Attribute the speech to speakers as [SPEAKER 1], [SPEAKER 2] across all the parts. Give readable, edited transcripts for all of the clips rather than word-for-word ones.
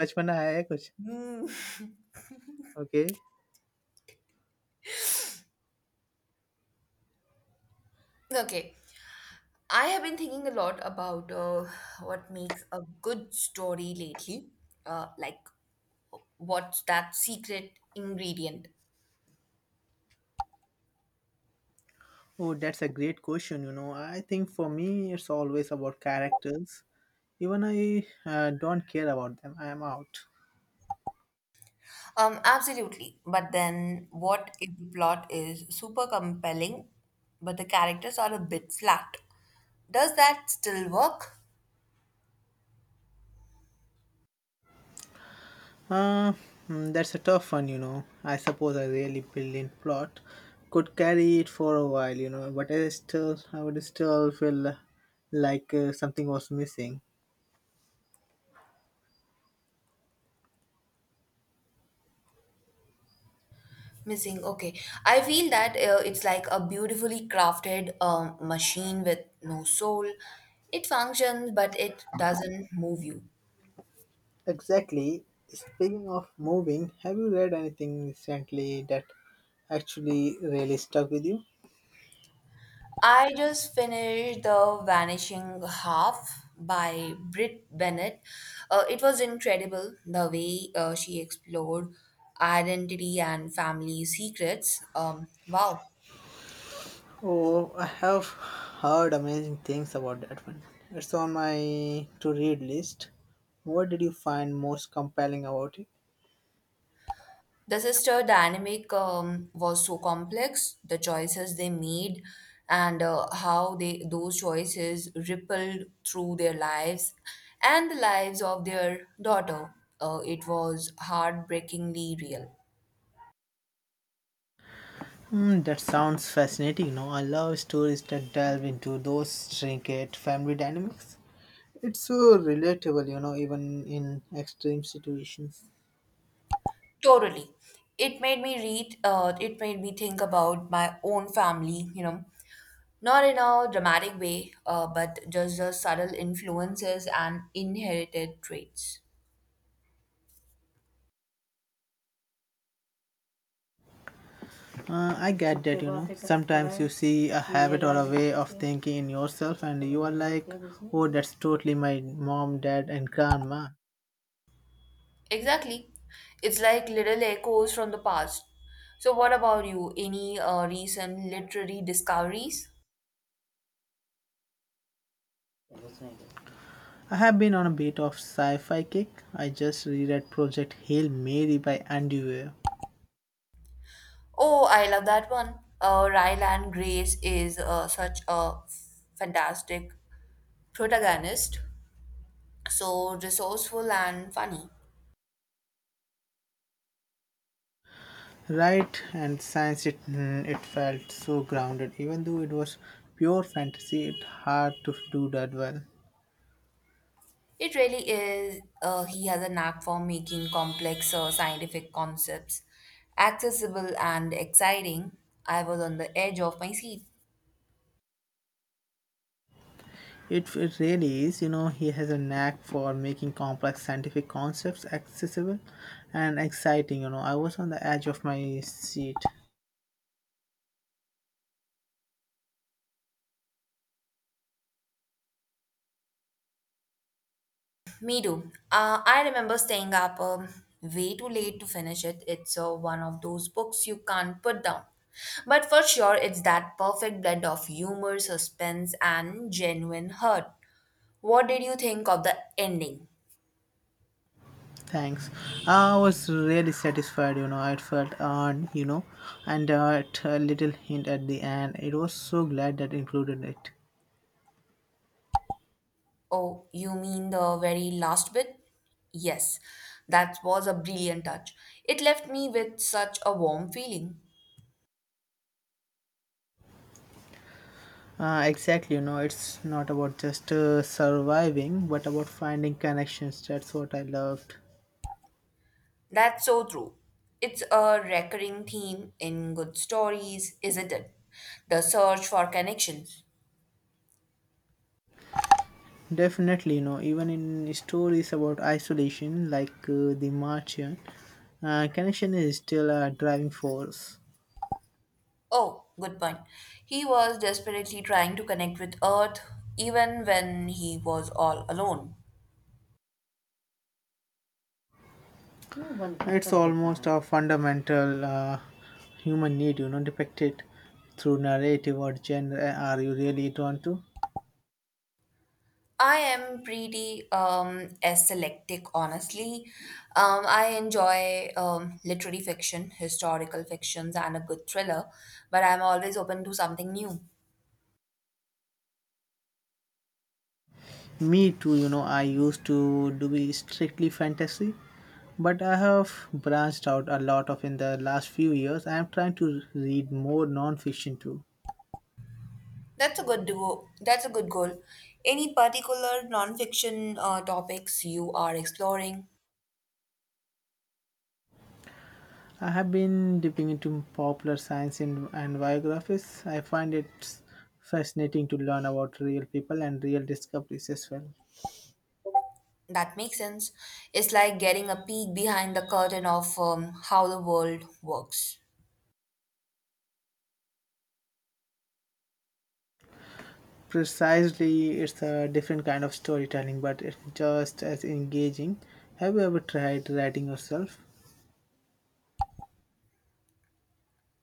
[SPEAKER 1] बचपना है कुछ?
[SPEAKER 2] Mm.
[SPEAKER 1] Okay.
[SPEAKER 2] Okay. I have been thinking a lot about what makes a good story lately. Uh, like, what's that secret ingredient?
[SPEAKER 1] Oh, that's a great question, you know. I think for me, it's always about characters. Even I don't care about them. I am out.
[SPEAKER 2] Absolutely. But then, what if the plot is super compelling, but the characters are a bit flat? Does that still work?
[SPEAKER 1] Uh, that's a tough one, you know. I suppose a really brilliant plot could carry it for a while, you know. But I would still feel like something was missing.
[SPEAKER 2] Missing. Okay. I feel that it's like a beautifully crafted machine with no soul. It functions, but it doesn't move you.
[SPEAKER 1] Exactly. Speaking of moving, have you read anything recently that actually really stuck with you?
[SPEAKER 2] I just finished The Vanishing Half by Britt Bennett. It was incredible the way she explored identity and family secrets. Wow.
[SPEAKER 1] Oh, I have heard amazing things about that one. It's on my to read list. What did you find most compelling about it?
[SPEAKER 2] The sister dynamic was so complex, the choices they made and how they those choices rippled through their lives and the lives of their daughter. It was heartbreakingly real.
[SPEAKER 1] Hmm, that sounds fascinating. No, I love stories that delve into those intricate family dynamics. It's so relatable, you know, even in extreme situations.
[SPEAKER 2] Totally. It made me think about my own family, you know, not in a dramatic way, but just the subtle influences and inherited traits.
[SPEAKER 1] I get that. Sometimes you see a habit or a way of thinking in yourself, and you are like, oh, that's totally my mom, dad, and grandma.
[SPEAKER 2] Exactly. It's like little echoes from the past. So, what about you? Any recent literary discoveries?
[SPEAKER 1] I have been on a bit of sci-fi kick. I just reread Project Hail Mary by Andy Weir.
[SPEAKER 2] Oh, I love that one. Ryland Grace is such a fantastic protagonist, so resourceful and funny.
[SPEAKER 1] Right, and science it felt so grounded even though it was pure fantasy. It's hard to do that well.
[SPEAKER 2] It really is. He has a knack for making complex scientific concepts accessible and exciting. I was on the edge of my seat.
[SPEAKER 1] It really is, you know, he has a knack for making complex scientific concepts accessible and exciting, you know. I was on the edge of my seat.
[SPEAKER 2] Me too. I remember staying up way too late to finish it. It's one of those books you can't put down. But for sure, it's that perfect blend of humor, suspense, and genuine hurt. What did you think of the ending?
[SPEAKER 1] Thanks. I was really satisfied, you know. I felt earned, you know, and a little hint at the end. It was so glad that included it.
[SPEAKER 2] Oh, you mean the very last bit? Yes, that was a brilliant touch. It left me with such a warm feeling.
[SPEAKER 1] Exactly, you know, it's not about just surviving, but about finding connections. That's what I loved.
[SPEAKER 2] That's so true. It's a recurring theme in good stories, isn't it? The search for connections.
[SPEAKER 1] Definitely, you know, even in stories about isolation, like The Martian, connection is still a driving force.
[SPEAKER 2] Oh, good point. He was desperately trying to connect with Earth even when he was all alone.
[SPEAKER 1] It's almost a fundamental human need, you know, depicted through narrative or genre. Are you really drawn to?
[SPEAKER 2] I am pretty eclectic, honestly. I enjoy literary fiction, historical fictions, and a good thriller, but I'm always open to something new.
[SPEAKER 1] Me too, you know, I used to do be strictly fantasy, but I have branched out a lot of in the last few years. I am trying to read more non-fiction too.
[SPEAKER 2] That's a good duo. That's a good goal. Any particular nonfiction topics you are exploring?
[SPEAKER 1] I have been dipping into popular science and biographies. I find it fascinating to learn about real people and real discoveries as well.
[SPEAKER 2] That makes sense. It's like getting a peek behind the curtain of how the world works.
[SPEAKER 1] Precisely, it's a different kind of storytelling, but it's just as engaging. Have you ever tried writing yourself?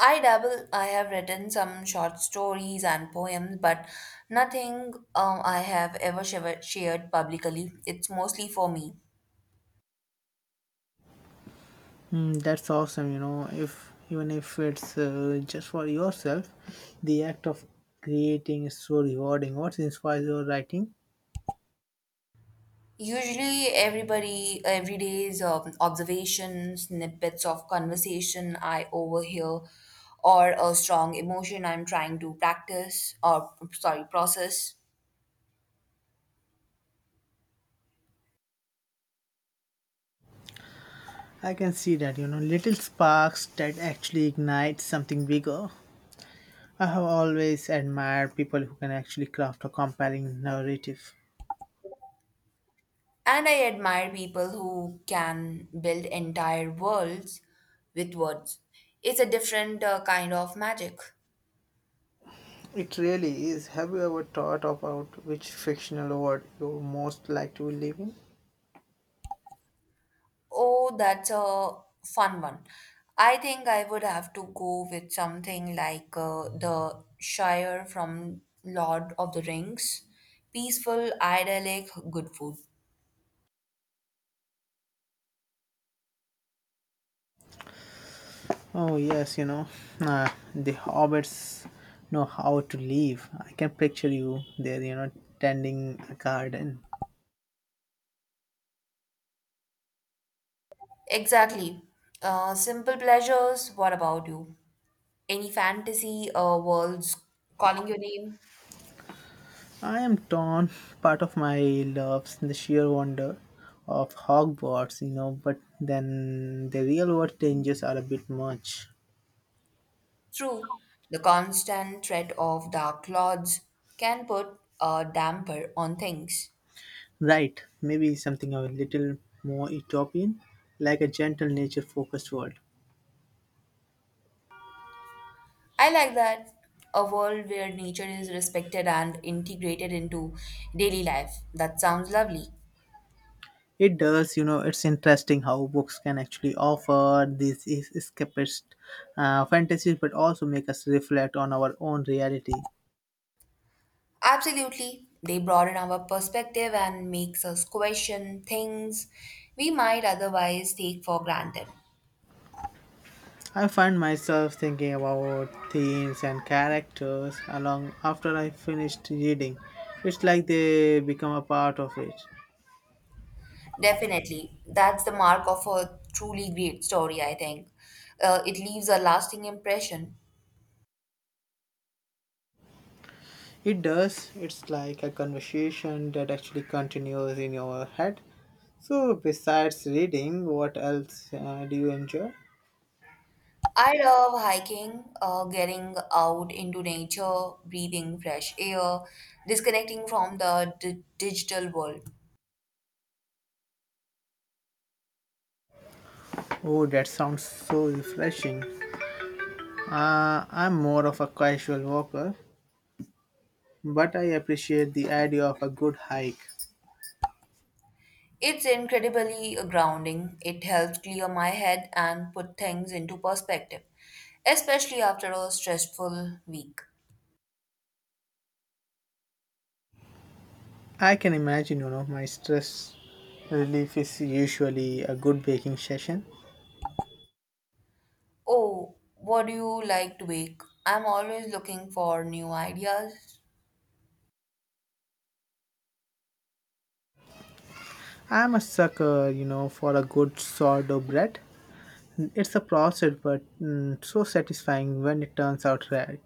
[SPEAKER 2] I dabble. I have written some short stories and poems, but nothing I have ever shared publicly. It's mostly for me.
[SPEAKER 1] Hmm, that's awesome, you know, if even if it's just for yourself, the act of creating is so rewarding. What inspires your writing?
[SPEAKER 2] Usually, everybody, every day's observations, snippets of conversation I overhear, or a strong emotion I'm trying to practice or, sorry, process.
[SPEAKER 1] I can see that, you know, little sparks that actually ignite something bigger. I have always admired people who can actually craft a compelling narrative.
[SPEAKER 2] And I admire people who can build entire worlds with words. It's a different kind of magic.
[SPEAKER 1] It really is. Have you ever thought about which fictional world you most like to live in?
[SPEAKER 2] Oh, that's a fun one. I think I would have to go with something like the Shire from Lord of the Rings. Peaceful, idyllic, good food.
[SPEAKER 1] Oh, yes, you know, the hobbits know how to live. I can picture you there, you know, tending a garden.
[SPEAKER 2] Exactly. Simple pleasures. What about you? Any fantasy worlds calling your name?
[SPEAKER 1] I am torn. Part of my loves the sheer wonder of Hogwarts, you know, but then the real world changes are a bit much.
[SPEAKER 2] True. The constant threat of dark lords can put a damper on things.
[SPEAKER 1] Right, maybe something a little more utopian, like a gentle nature focused world.
[SPEAKER 2] I like that a world where nature is respected and integrated into daily life. That sounds lovely.
[SPEAKER 1] It does, you know, it's interesting how books can actually offer escapist fantasies but also make us reflect on our own reality.
[SPEAKER 2] Absolutely. They broaden our perspective and makes us question things we might otherwise take for granted.
[SPEAKER 1] I find myself thinking about themes and characters along after I finished reading. It's like they become a part of it.
[SPEAKER 2] Definitely. That's the mark of a truly great story, I think. It leaves a lasting impression.
[SPEAKER 1] It does, it's like a conversation that actually continues in your head. So, besides reading, what else do you enjoy?
[SPEAKER 2] I love hiking, getting out into nature, breathing fresh air, disconnecting from the digital world.
[SPEAKER 1] Oh, that sounds so refreshing. I'm more of a casual walker, but I appreciate the idea of a good hike.
[SPEAKER 2] It's incredibly grounding. It helps clear my head and put things into perspective, especially after a stressful week.
[SPEAKER 1] I can imagine, you know, my stress relief is usually a good baking session.
[SPEAKER 2] Oh, what do you like to bake? I'm always looking for new ideas.
[SPEAKER 1] I'm a sucker, you know, for a good sourdough bread. It's a process, but so satisfying when it turns out right.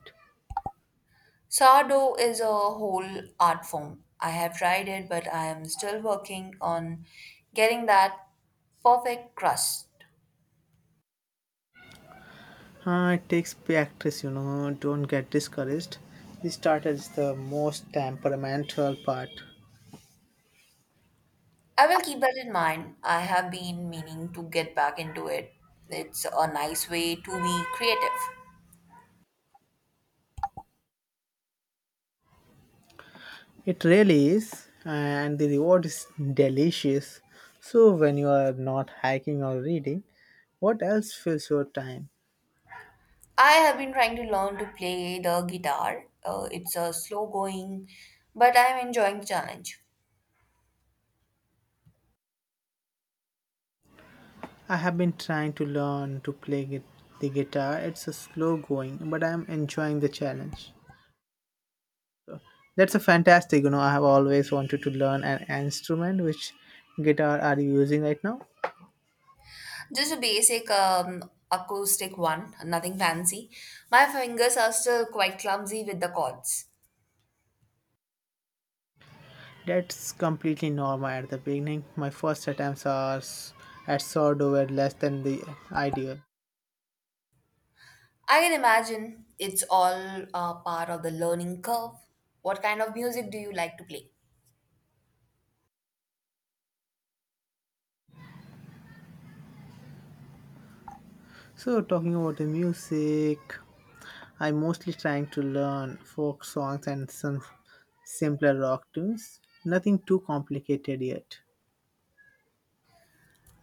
[SPEAKER 2] Sourdough is a whole art form. I have tried it, but I am still working on getting that perfect crust.
[SPEAKER 1] It takes practice, you know, don't get discouraged. The starter is the most temperamental part.
[SPEAKER 2] I will keep that in mind. I have been meaning to get back into it. It's a nice way to be creative.
[SPEAKER 1] It really is, and the reward is delicious. So, when you are not hiking or reading, what else fills your time?
[SPEAKER 2] I have been trying to learn to play the guitar. It's a slow going, but I'm enjoying the challenge.
[SPEAKER 1] I have been trying to learn to play gui- the guitar. It's a slow going, but I'm enjoying the challenge. That's a fantastic, you know. I have always wanted to learn an instrument. Which guitar are you using right now?
[SPEAKER 2] Just a basic acoustic one, nothing fancy. My fingers are still quite clumsy with the chords.
[SPEAKER 1] That's completely normal at the beginning. My first attempts are s- at sourdough were less than the ideal.
[SPEAKER 2] I can imagine it's all part of the learning curve. What kind of music do you like to play?
[SPEAKER 1] So talking about the music, I mostly trying to learn folk songs and some simpler rock tunes. Nothing too complicated yet.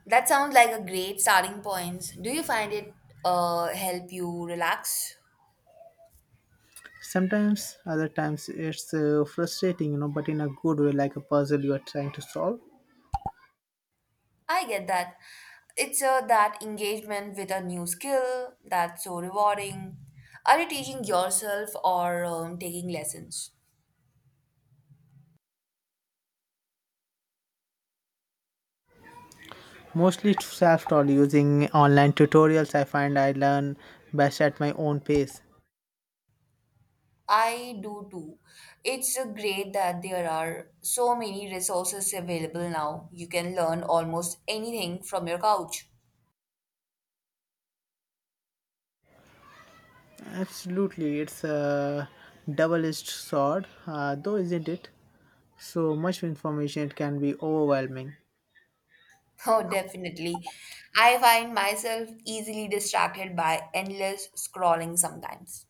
[SPEAKER 2] That sounds like a great starting point. Do you find it help you relax?
[SPEAKER 1] Sometimes, other times it's frustrating, you know, but in a good way, like a puzzle you are trying to solve.
[SPEAKER 2] I get that. It's that engagement with a new skill that's so rewarding. Are you teaching yourself or taking lessons?
[SPEAKER 1] Mostly self-taught using online tutorials. I find I learn best at my own pace.
[SPEAKER 2] I do too. It's great that there are so many resources available now. You can learn almost anything from your couch.
[SPEAKER 1] Absolutely, it's a double-edged sword, though, isn't it? So much information it can be overwhelming.
[SPEAKER 2] Oh, definitely. I find myself easily distracted by endless scrolling sometimes.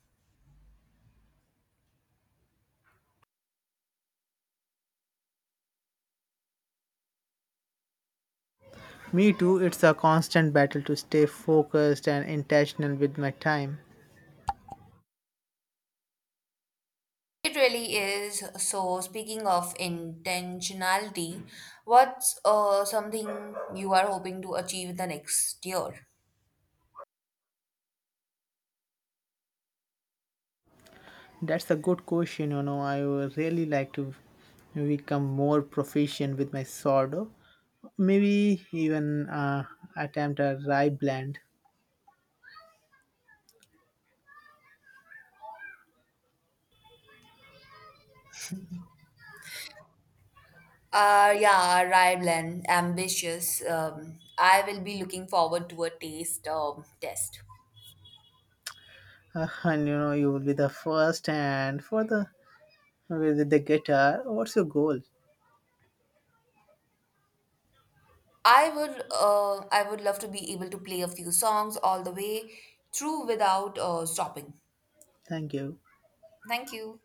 [SPEAKER 1] Me too, it's a constant battle to stay focused and intentional with my time.
[SPEAKER 2] It really is. So, speaking of intentionality, what's something you are hoping to achieve the next year?
[SPEAKER 1] That's a good question, you know. I would really like to become more proficient with my sourdough. Maybe even attempt a rye blend.
[SPEAKER 2] Yeah, arrival and ambitious. I will be looking forward to a taste test.
[SPEAKER 1] And you know, you will be the first and for the with the guitar. What's your goal?
[SPEAKER 2] I would love to be able to play a few songs all the way through without stopping.
[SPEAKER 1] Thank you.
[SPEAKER 2] Thank you.